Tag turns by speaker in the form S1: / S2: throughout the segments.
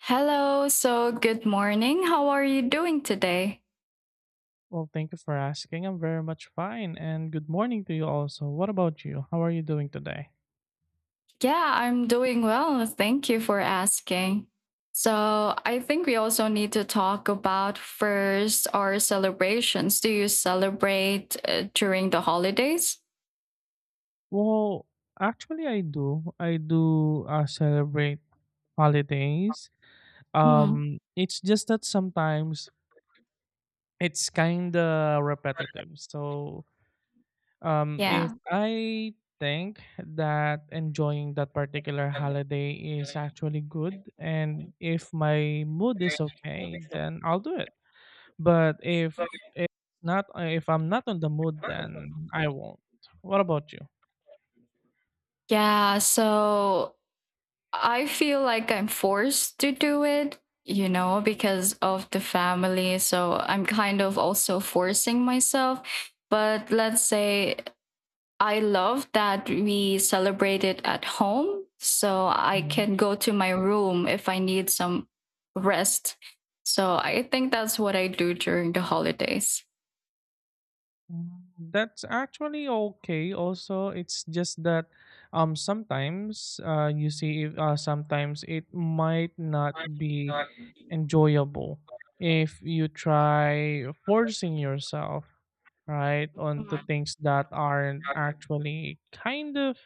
S1: Hello, so good morning. How are you doing today?
S2: Well, thank you for asking. I'm very much fine, and good morning to you also. What about you? How are you doing today?
S1: Yeah, I'm doing well. Thank you for asking. So, I think we also need to talk about first our celebrations. Do you celebrate during the holidays?
S2: Well, actually, I do. I do celebrate holidays.
S1: Mm,
S2: It's just that sometimes it's kind of repetitive. So, if
S1: yeah.
S2: I think that enjoying that particular holiday is actually good, and if my mood is okay, then I'll do it. But if if I'm not on the mood, then I won't. What about you?
S1: Yeah, so I feel like I'm forced to do it, because of the family. So, I'm kind of also forcing myself but let's say I love that we celebrate it at home. So I
S2: Mhm.
S1: can go to my room if I need some rest. So I think that's what I do during the holidays.
S2: Mm, That's actually okay. Also, it's just that sometimes you see if sometimes it might not be enjoyable if you try forcing yourself right onto
S1: Mhm.
S2: things that aren't actually kind of—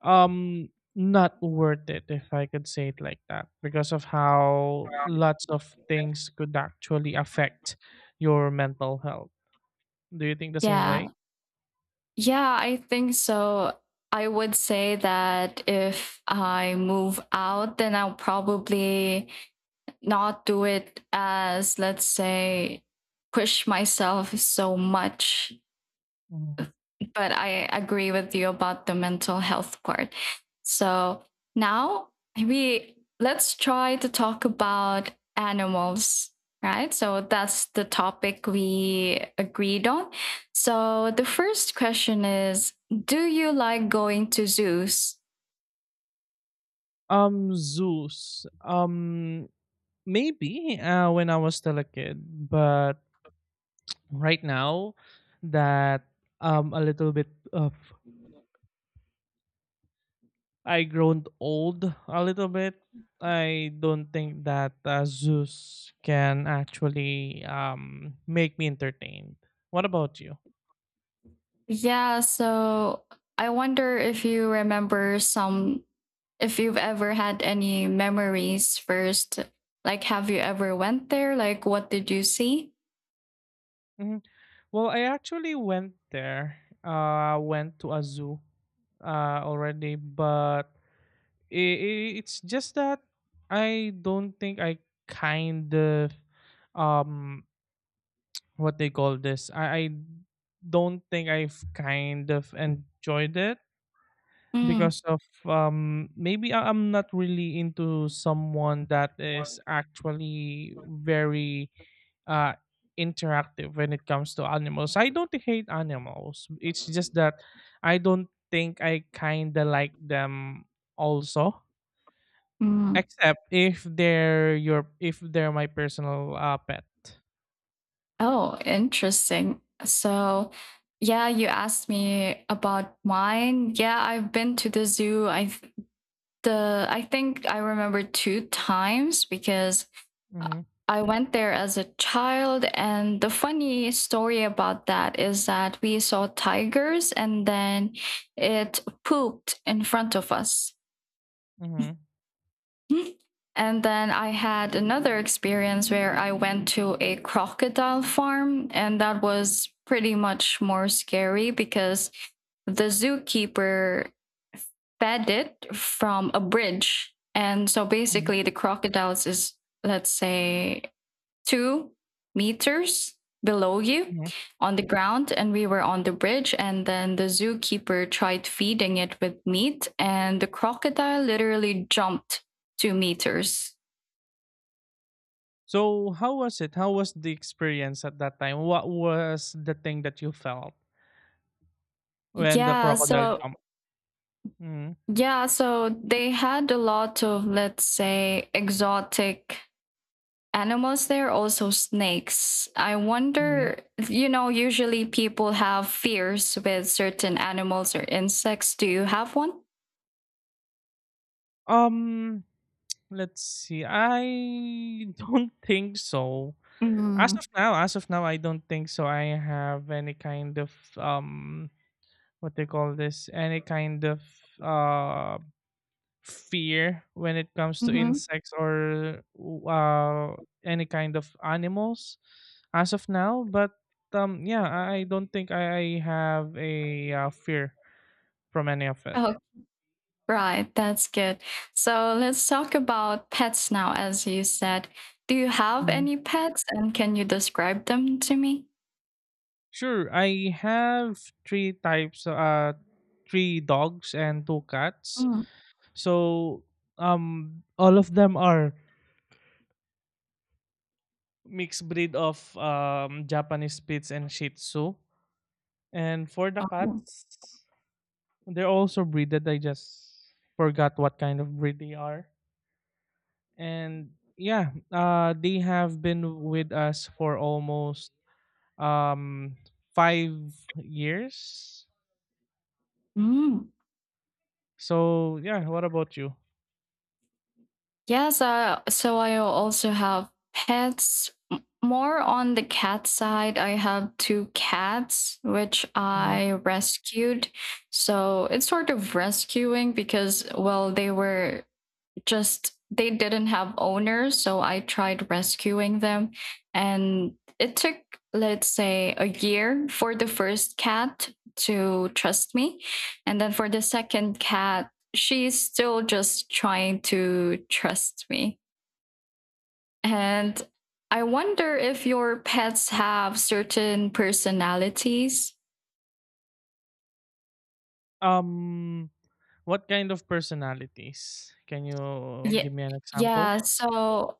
S2: Um, not worth it, if I could say it like that, because of how lots of things could actually affect your mental health. Do you think the same
S1: Yeah.
S2: way?
S1: Yeah, I think so. I would say that if I move out, then I'll probably not do it as, let's say, push myself so much
S2: Mhm.
S1: but I agree with you about the mental health part. So now we let's try to talk about animals, right? So that's the topic we agreed on. So the first question is, do you like going to zoos?
S2: Zeus. Maybe when I was still a kid, but right now that a little bit I grown old a little bit. I don't think that Zeus can actually make me entertained. What about you?
S1: Yeah, so I wonder if you remember some, if you've ever had any memories first. Like, have you ever went there? Like, what did you see?
S2: Hmm. Well, I actually went there. Went to a zoo already, but it's just that I don't think I kind of— um what they call this. I don't think I've kind of enjoyed it
S1: Mm,
S2: because of maybe I'm not really into someone that is actually very uh interactive when it comes to animals. I don't hate animals. It's just that I don't think I kind of like them also.
S1: mm.
S2: Except if they're my personal pet.
S1: Oh, interesting. So, yeah, you asked me about mine. Yeah, I've been to the zoo. I th- the I think I remember two times because I
S2: Mm-hmm,
S1: I went there as a child, and the funny story about that is that we saw tigers, and then it pooped in front of us.
S2: mm-hmm.
S1: And then I had another experience where I went to a crocodile farm, and that was pretty much more scary because the zookeeper fed it from a bridge. And so
S2: Hmm,
S1: basically, the crocodiles is, let's say, 2 meters below you
S2: hmm.
S1: on the ground, and we were on the bridge, and then the zookeeper tried feeding it with meat, and the crocodile literally jumped 2 meters.
S2: So how was it? How was the experience at that time? What was the thing that you felt when the
S1: Yeah,
S2: crocodile
S1: so
S2: jumped? Mm-hmm,
S1: yeah, so they had a lot of, let's say, exotic animals there, also snakes. I wonder,
S2: mm-hmm.
S1: usually people have fears with certain animals or insects. Do you have one?
S2: Um, let's see. I don't think so. As
S1: Mm.
S2: of now, as of now, I don't think so. I have any kind of um, what they call this? Any kind of uh fear when it comes to
S1: Mm-hmm.
S2: insects or uh any kind of animals. As of now. But yeah, I don't think I have a fear from any of it.
S1: Right, that's good. So let's talk about pets now, as you said. Do you have any pets and can you describe them to me?
S2: Sure, I have three dogs and two cats.
S1: Mm.
S2: So all of them are mixed breed of Japanese Spitz and Shih Tzu. And for the
S1: Oh,
S2: cats, they're also breeded. I just forgot what kind of breed they are. And yeah, they have been with us for almost um 5 years.
S1: mm.
S2: So yeah, what about you?
S1: Yes, so I also have pets. More on the cat side, I have two cats which
S2: Mm-hmm.
S1: I rescued. So it's sort of rescuing because, well, they were just they didn't have owners, so I tried rescuing them, and it took, let's say, a year for the first cat to trust me, and then for the second cat, she's still just trying to trust me. And I wonder if your pets have certain personalities.
S2: Um, what kind of personalities? Can you
S1: Yeah,
S2: give me an example?
S1: yeah, so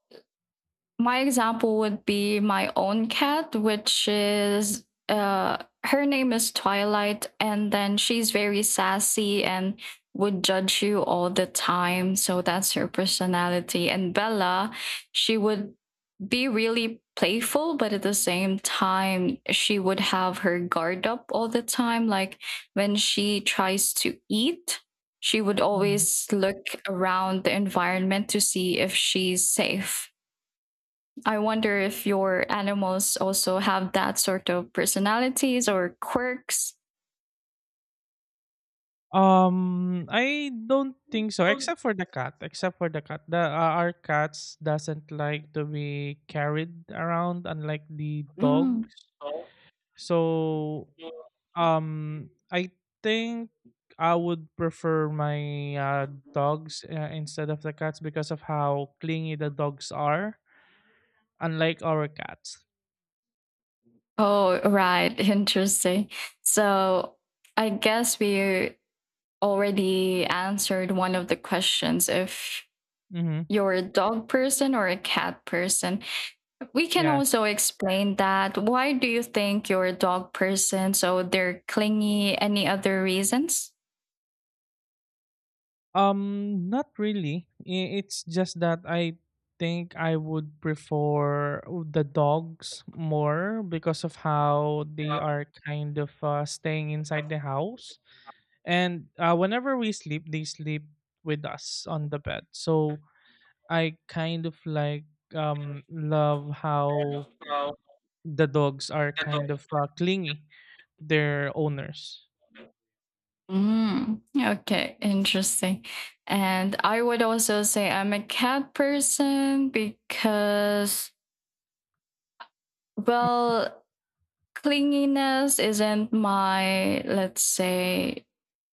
S1: my example would be my own cat, which is her name is Twilight, and then she's very sassy and would judge you all the time. So that's her personality. And Bella, she would be really playful, but at the same time, she would have her guard up all the time. Like when she tries to eat, she would
S2: Mhm.
S1: always look around the environment to see if she's safe. I wonder if your animals also have that sort of personalities or quirks.
S2: I don't think so, except for the cat. Except for the cat, the our cats doesn't like to be carried around, unlike the dogs.
S1: Mm.
S2: So, I think I would prefer my dogs instead of the cats because of how clingy the dogs are, unlike our cats.
S1: Oh, right. Interesting. So I guess we already answered one of the questions if
S2: Mm-hmm.
S1: you're a dog person or a cat person. We can
S2: Yeah.
S1: also explain that. Why do you think you're a dog person? So they're clingy. Any other reasons?
S2: Not really. It's just that I think I would prefer the dogs more because of how they are kind of staying inside the house. And whenever we sleep, they sleep with us on the bed. So I kind of love how the dogs are kind of clingy to their owners.
S1: Mm, okay, interesting. And I would also say I'm a cat person because, well, clinginess isn't my, let's say,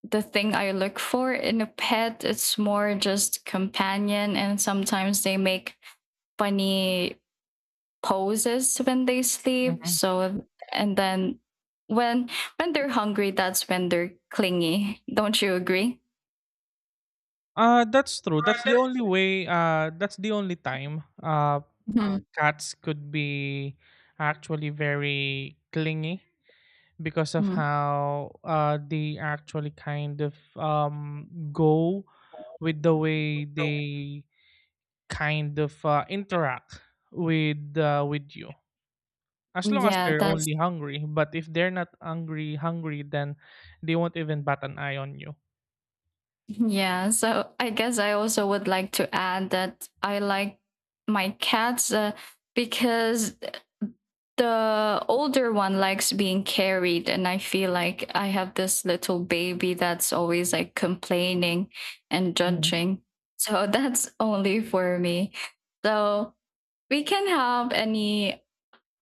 S1: the thing I look for in a pet. It's more just companion, and sometimes they make funny poses when they sleep.
S2: Mhm.
S1: So, and then when when they're hungry, that's when they're clingy. Don't you agree?
S2: That's true. That's the only way that's the only time cats could be actually very clingy because of
S1: Mhm.
S2: how they actually kind of go with the way they kind of interact with you as long as
S1: Yeah,
S2: they're
S1: that's
S2: only hungry, but if they're not hungry hungry, then they won't even bat an eye on you.
S1: yeah. So I guess I also would like to add that I like my cats, because the older one likes being carried, and I feel like I have this little baby that's always like complaining and
S2: Mhm.
S1: judging. So that's only for me. So we can have any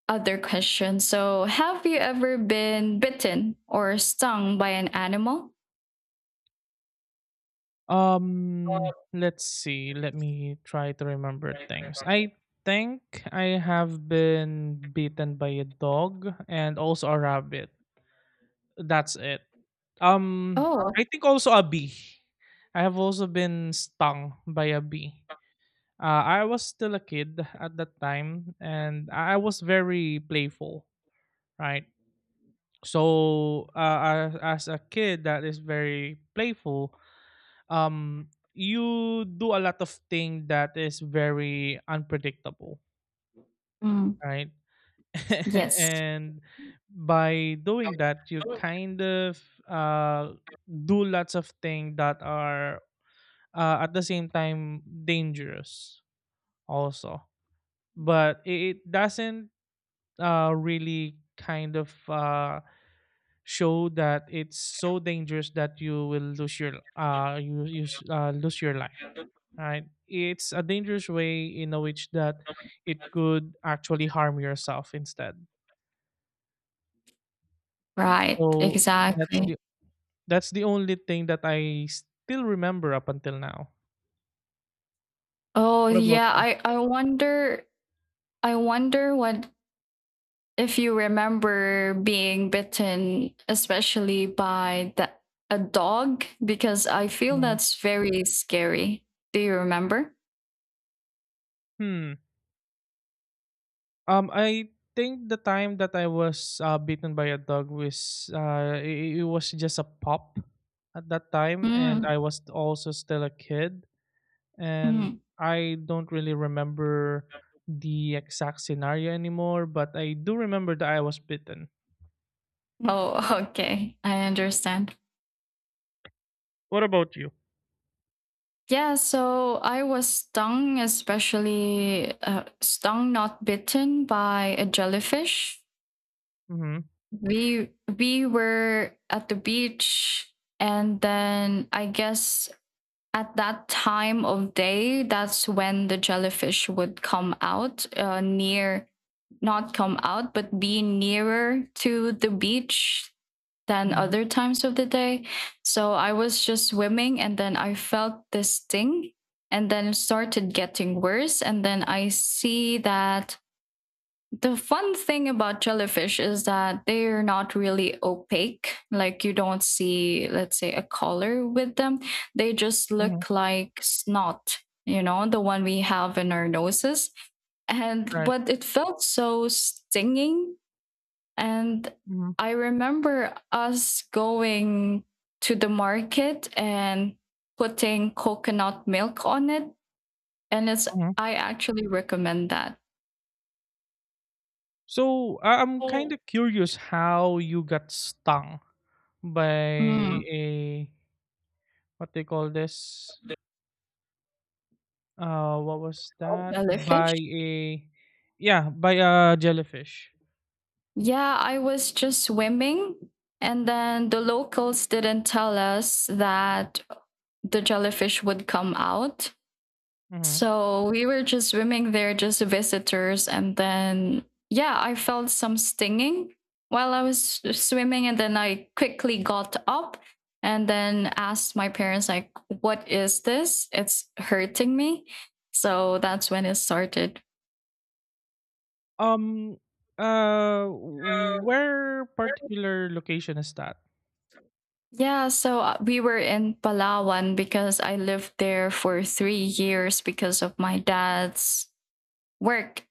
S1: other question. So, have you ever been bitten or stung by an animal?
S2: Let's see. Let me try to remember things. I think I have been beaten by a dog and also a rabbit. That's it. Um,
S1: Oh,
S2: I think also a bee. I have also been stung by a bee. I was still a kid at that time, and I was very playful, right? So, as a kid that is very playful, you do a lot of thing that is very unpredictable,
S1: mm,
S2: right?
S1: yes.
S2: And by doing that, you kind of uh, do lots of things that are at the same time dangerous also, but it doesn't really kind of show that it's so dangerous that you will lose your lose your life, right? It's a dangerous way in a which that it could actually harm yourself instead.
S1: Right,
S2: So that's
S1: exactly.
S2: the only thing that I still remember up until now.
S1: Oh,
S2: What about
S1: yeah,
S2: you?
S1: I wonder what if you remember being bitten, especially by the a dog, because I feel
S2: Mhm.
S1: that's very scary. Do you remember?
S2: Hmm. I think the time that I was beaten by a dog was it was just a pup at that time, and
S1: Mm,
S2: I was also still a kid, and
S1: mm.
S2: I don't really remember the exact scenario anymore, but I do remember that I was bitten.
S1: Oh, okay. I understand.
S2: What about you?
S1: Yeah, so I was stung, especially stung, not bitten by a jellyfish.
S2: Mm-hmm.
S1: we we were at the beach, and then I guess at that time of day, that's when the jellyfish would come out, near, not come out but be nearer to the beach than
S2: Mm-hmm.
S1: other times of the day. So I was just swimming, and then I felt this thing, and then it started getting worse, and then I see that the fun thing about jellyfish is that they're not really opaque. Like, you don't see, let's say, a color with them. They just
S2: Mm-hmm.
S1: look like snot, you know, the one we have in our noses. And
S2: Right.
S1: but it felt so stinging. And
S2: Mm-hmm.
S1: I remember us going to the market and putting coconut milk on it. And it's
S2: Mm-hmm.
S1: I actually recommend that.
S2: So I'm kind of curious how you got stung by
S1: Mm,
S2: a, what they call this, what was that?
S1: jellyfish.
S2: By a— yeah, by a jellyfish.
S1: Yeah, I was just swimming, and then the locals didn't tell us that the jellyfish would come out.
S2: Mhm.
S1: So we were just swimming there, just visitors. And then, yeah, I felt some stinging while I was swimming. And then I quickly got up and then asked my parents, like, what is this? It's hurting me. So that's when it started.
S2: Um, where particular location is that?
S1: Yeah, so we were in Palawan because I lived there for 3 years because of my dad's work.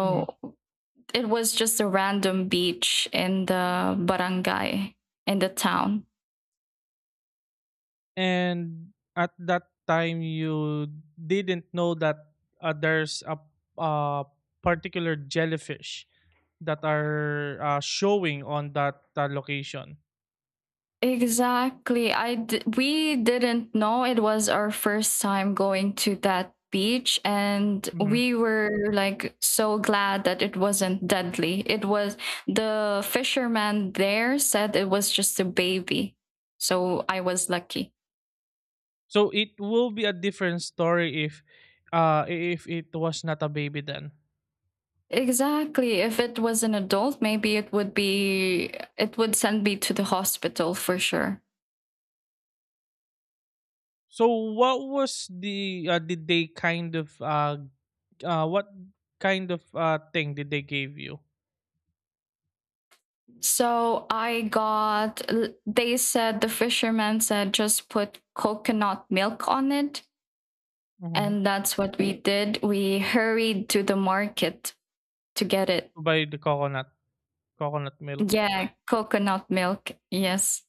S2: Mhm.
S1: it was just a random beach in the barangay, in the town.
S2: And at that time, you didn't know that there's a uh, particular jellyfish that are showing on that location.
S1: Exactly. We didn't know. It was our first time going to that beach, and
S2: Mhm.
S1: we were like so glad that it wasn't deadly. It was The fisherman there said it was just a baby. So I was lucky.
S2: So it will be a different story if it was not a baby then.
S1: Exactly. If it was an adult, maybe it would send me to the hospital for sure.
S2: So what was the did they kind of what kind of thing did they give you?
S1: So I got, they said, The fisherman said, just put coconut milk on it.
S2: Hmm.
S1: And that's what we did. We hurried to the market to get it.
S2: To buy the coconut milk
S1: Yeah, coconut milk. Yes.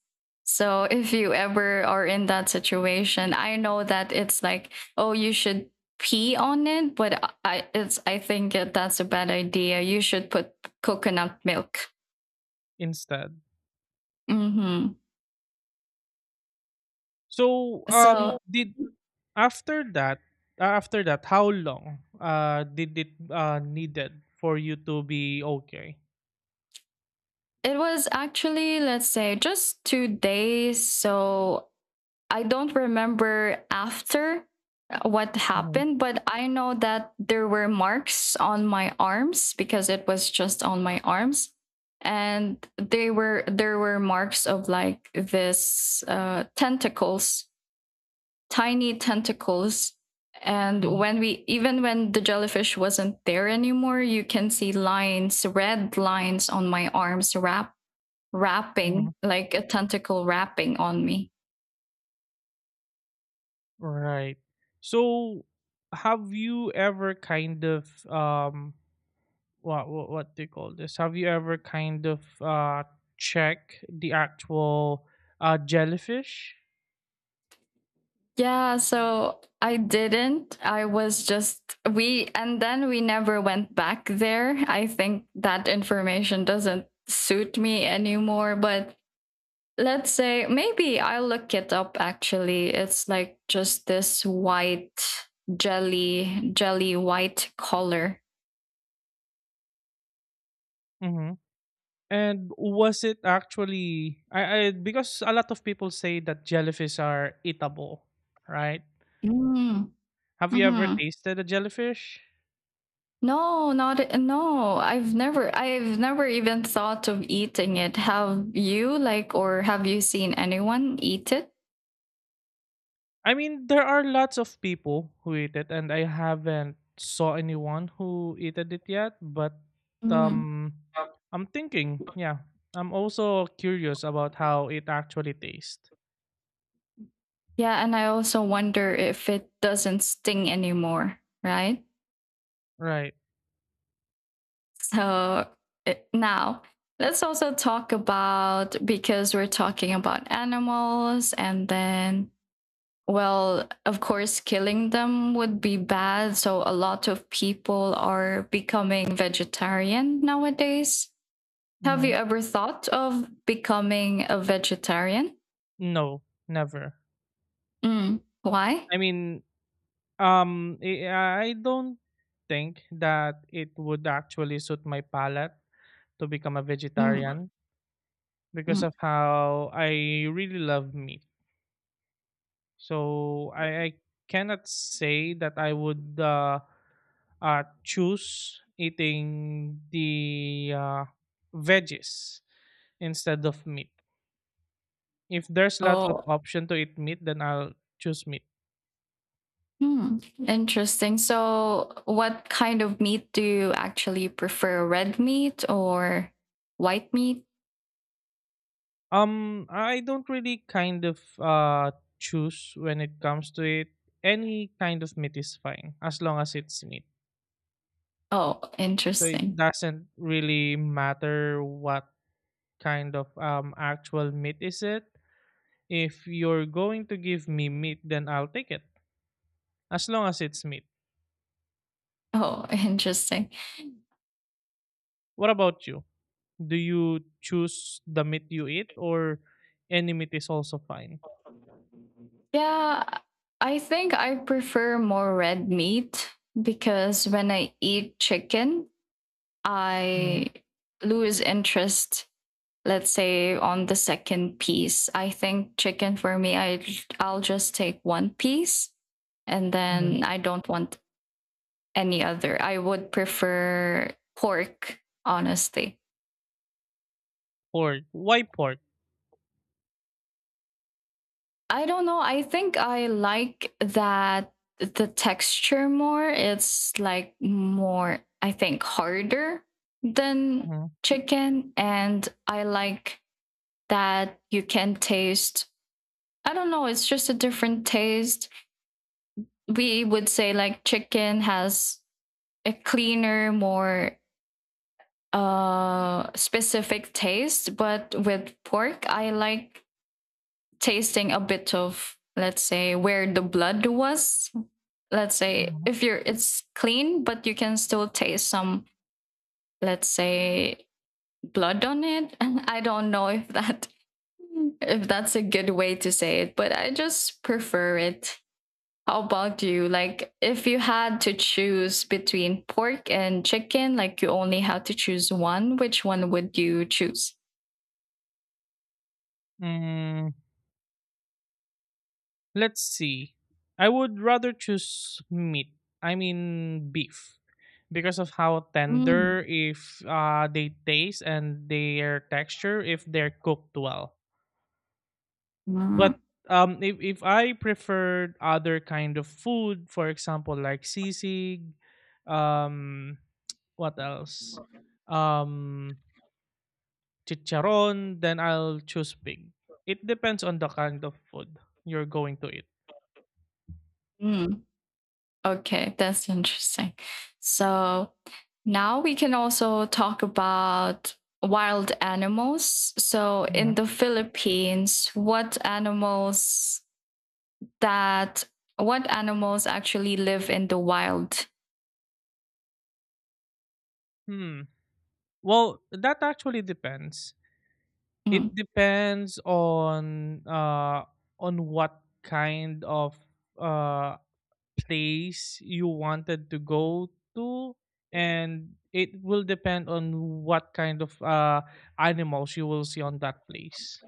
S1: So if you ever are in that situation, I know that it's like, oh, you should pee on it, but I think that that's a bad idea. You should put coconut milk.
S2: instead?
S1: Mm-hmm.
S2: So
S1: So
S2: did after that after that how long did it needed for you to be okay?
S1: it was actually, let's say, just 2 days. So I don't remember after what
S2: Hmm.
S1: happened, but I know that there were marks on my arms because it was just on my arms. And they were there were marks of like this, tentacles, tiny tentacles. And
S2: Hmm.
S1: when we even when the jellyfish wasn't there anymore, you can see lines, red lines on my arms wrapped wrapping,
S2: Hmm.
S1: like a tentacle wrapping on me.
S2: Right. So have you ever kind of— what do you call this? Have you ever kind of check the actual jellyfish?
S1: Yeah, so I didn't. I was just we and then we never went back there. I think that information doesn't suit me anymore, but let's say maybe I'll look it up actually. It's like just this white jelly white color.
S2: Mm-hmm. And was it actually, I because a lot of people say that jellyfish are eatable, right?
S1: Mm.
S2: Have you ever
S1: Mhm.
S2: tasted a jellyfish?
S1: No, not at- no. I've never even thought of eating it. Have you seen anyone eat it?
S2: I mean, there are lots of people who eat it, and I haven't saw anyone who eaten it yet. But
S1: Mm.
S2: um, I'm thinking, yeah, I'm also curious about how it actually tastes.
S1: Yeah, and I also wonder if it doesn't sting anymore, right?
S2: Right.
S1: So now let's also talk about, because we're talking about animals and then, well, of course, killing them would be bad. So a lot of people are becoming vegetarian nowadays. Have you
S2: Mhm.
S1: ever thought of becoming a vegetarian?
S2: No, never.
S1: Mm. Why?
S2: I mean, I don't think that it would actually suit my palate to become a
S1: Mm.
S2: vegetarian
S1: Mm.
S2: because of how I really love meat. So I cannot say that I would choose eating the veggies instead of meat. If there's lots of
S1: Oh.
S2: option to eat meat, then I'll choose meat.
S1: Hmm. Interesting. So, what kind of meat do you actually prefer? Red meat or white meat?
S2: I don't really kind of choose when it comes to it. Any kind of meat is fine as long as it's meat.
S1: Oh,
S2: So it
S1: interesting.
S2: doesn't really matter what kind of actual meat is it. If you're going to give me meat, then I'll take it as long as it's meat.
S1: Oh, interesting.
S2: What about you? Do you choose the meat you eat, or any meat is also fine?
S1: Yeah, I think I prefer more red meat because when I eat chicken, I
S2: Mm-hmm.
S1: lose interest, let's say, on the second piece. I think chicken for me, I'll just take one piece, and then I don't want any other. I would prefer pork, honestly.
S2: Pork. Why pork?
S1: I don't know, I think I like that the texture more. It's like more, I think, harder than chicken. And I like that you can taste, I don't know, it's just a different taste. We would say like chicken has a cleaner, more specific taste, but with pork I like tasting a bit of, let's say, where the blood was. Let's say
S2: Mm-hmm.
S1: if you're it's clean but you can still taste some, let's say, blood on it. I don't know if that if that's a good way to say it, but I just prefer it. How about you? Like, if you had to choose between pork and chicken, like you only had to choose one, which one would you choose?
S2: Mm-hmm. Let's see. I would rather choose meat. I mean beef, because of how
S1: Mm.
S2: tender if they taste and their texture if they're cooked well. But
S1: Mm.
S2: if I preferred other kind of food, for example, like sisig, um, what else, um, chicharon, then I'll choose pig. It depends on the kind of food you're going to eat.
S1: Mm. Okay, that's interesting. So now we can also talk about wild animals. So in
S2: Mhm.
S1: the Philippines, that what animals actually live in the wild?
S2: Hmm. Well, that actually depends.
S1: Hmm.
S2: It depends on what kind of uh place you wanted to go to, and it will depend on what kind of animals you will see on that place.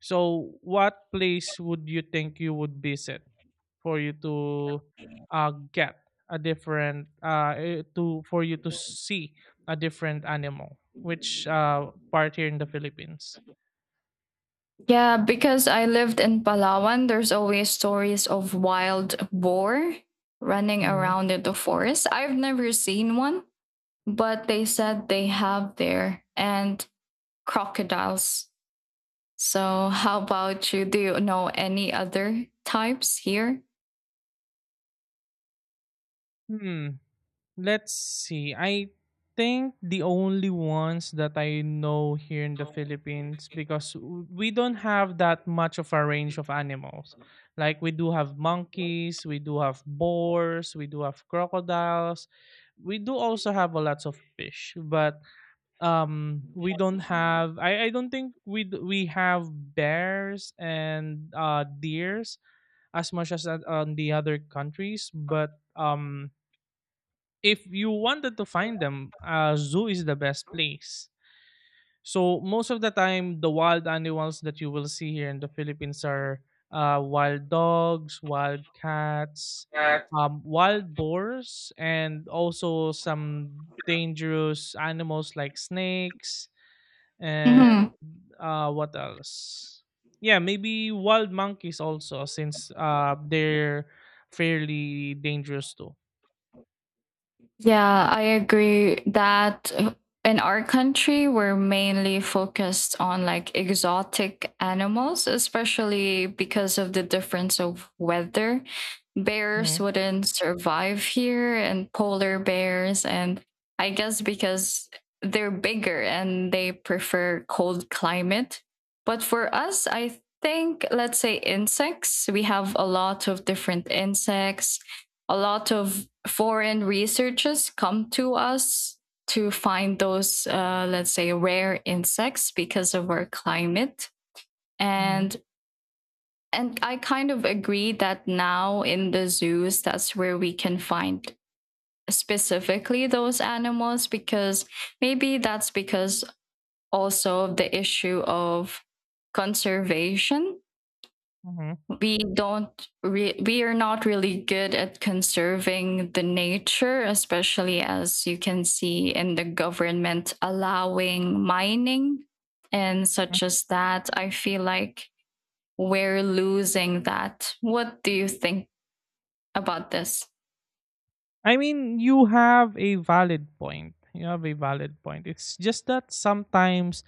S2: So, what place would you think you would visit for you to get a different eh, to for you to see a different animal? Which part here in the Philippines?
S1: Yeah, because I lived in Palawan, there's always stories of wild boar running
S2: Mhm.
S1: around in the forest. I've never seen one, but they said they have there, and crocodiles. So, how about you? Do you know any other types here?
S2: Hmm. Let's see. I think the only ones that I know here in the Philippines, because we don't have that much of a range of animals. Like we do have monkeys, we do have boars, we do have crocodiles. We do also have a lots of fish, but we don't have— I don't think we have bears and deers as much as that on the other countries, but if you wanted to find them, a zoo is the best place. So most of the time, the wild animals that you will see here in the Philippines are wild dogs, wild cats, wild boars, and also some dangerous animals like snakes and
S1: Mhm.
S2: what else? Yeah, maybe wild monkeys also, since they're fairly dangerous too.
S1: Yeah, I agree that, in our country, we're mainly focused on like exotic animals, especially because of the difference of weather. Bears wouldn't survive here, and polar bears, and I guess because they're bigger and they prefer cold climate. But for us, I think, let's say insects, we have a lot of different insects. A lot of foreign researchers come to us to find those, let's say, rare insects because of our climate.
S2: Mm-hmm.
S1: And and I kind of agree that now in the zoos, that's where we can find specifically those animals, because maybe that's because also the issue of conservation.
S2: Mm-hmm.
S1: We don't re- we are not really good at conserving the nature, especially as you can see in the government allowing mining and such as that. I feel like we're losing that. What do you think about this?
S2: I mean, you have a valid point. You have a valid point. It's just that sometimes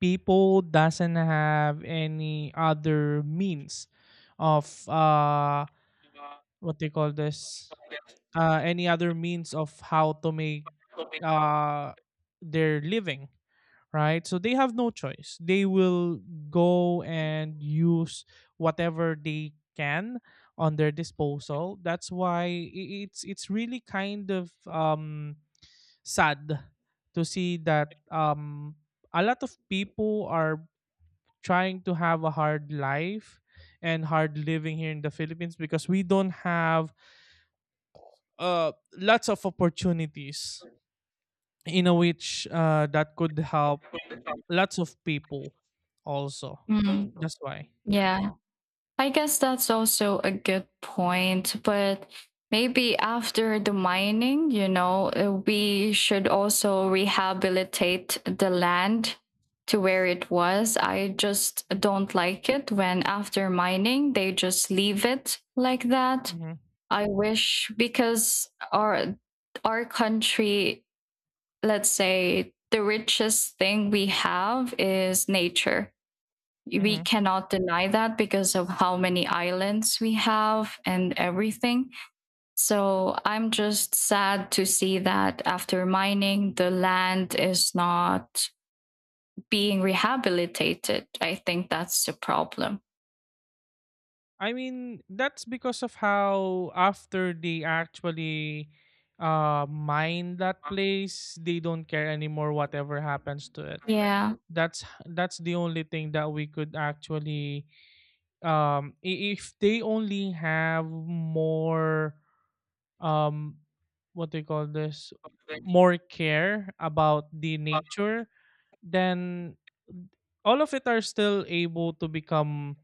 S2: people doesn't have any other means of— what they call this, any other means of how to make uh their living, right? So they have no choice. They will go and use whatever they can on their disposal. That's why it's really kind of sad to see that a lot of people are trying to have a hard life and hard living here in the Philippines, because we don't have lots of opportunities in a which that could help lots of people also.
S1: Mm,
S2: That's why—
S1: yeah, I guess that's also a good point, but maybe after the mining, we should also rehabilitate the land to where it was. I just don't like it when after mining they just leave it like that.
S2: Hmm.
S1: I wish, because our country, let's say the richest thing we have is nature. We
S2: Hmm.
S1: cannot deny that because of how many islands we have and everything. So I'm just sad to see that after mining, the land is not being rehabilitated. I think that's the problem.
S2: I mean, that's because of how, after they actually mine that place, they don't care anymore whatever happens to it.
S1: Yeah.
S2: That's the only thing that we could actually— if they only have more— um what do you call this, more care about the nature, then all of it are still able to become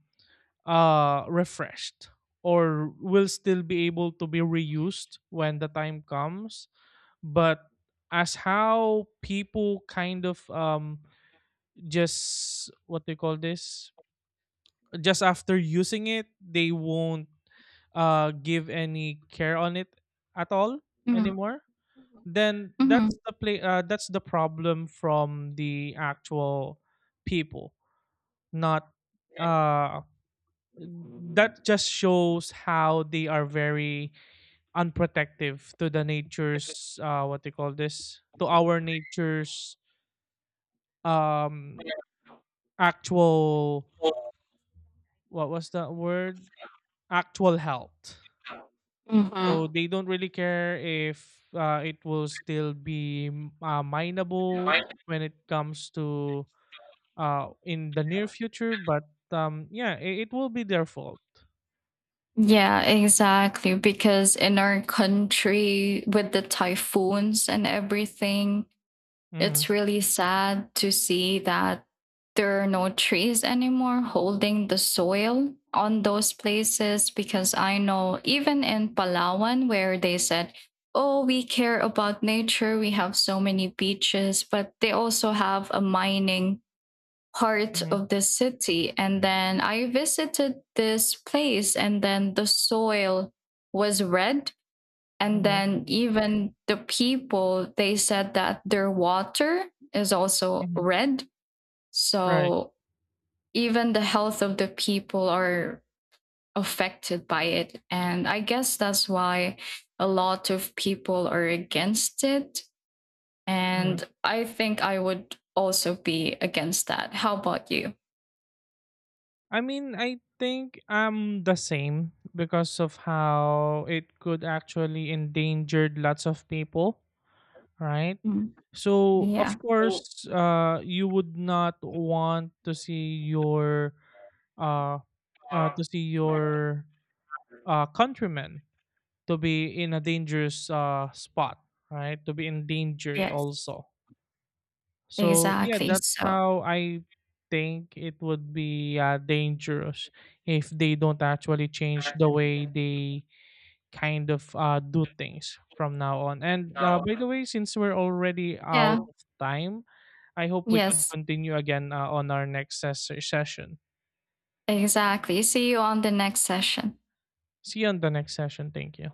S2: refreshed, or will still be able to be reused when the time comes. But as how people kind of— just what they call this, just after using it, they won't give any care on it at all anymore, then
S1: Mm-hmm.
S2: that's the play that's the problem from the actual people, not— uh that just shows how they are very unprotective to the nature's what they call this, to our nature's um actual— what was that word actual health. So they don't really care if it will still be mineable when it comes to— in the near future, but yeah, it will be their fault.
S1: Yeah, exactly. Because in our country, with the typhoons and everything, it's
S2: Mm-hmm,
S1: really sad to see that there are no trees anymore holding the soil on those places, because I know even in Palawan, where they said, oh, we care about nature, we have so many beaches, but they also have a mining part
S2: mm-hmm,
S1: of the city. And then I visited this place, and then the soil was red, and
S2: mm-hmm.
S1: then even the people, they said that their water is also
S2: Mm-hmm.
S1: red.
S2: Right.
S1: So even the health of the people are affected by it. And I guess that's why a lot of people are against it.
S2: Mhm.
S1: And I think I would also be against that. How about you?
S2: I mean, I think I'm the same because of how it could actually endangered lots of people, right?
S1: Mm.
S2: So, of
S1: Yeah.
S2: course, you would not want to uh, see your countrymen to be in a dangerous spot, right? To be endangered
S1: Yes.
S2: also. So yeah,
S1: Exactly.
S2: that's
S1: So,
S2: how I think it would be dangerous if they don't actually change the way they kind of do things from now on. And by the way, since we're already
S1: yeah.
S2: out of time, I hope we could
S1: Yes.
S2: continue again on our next session.
S1: Exactly. See you on the next session.
S2: See you on the next session. Thank you.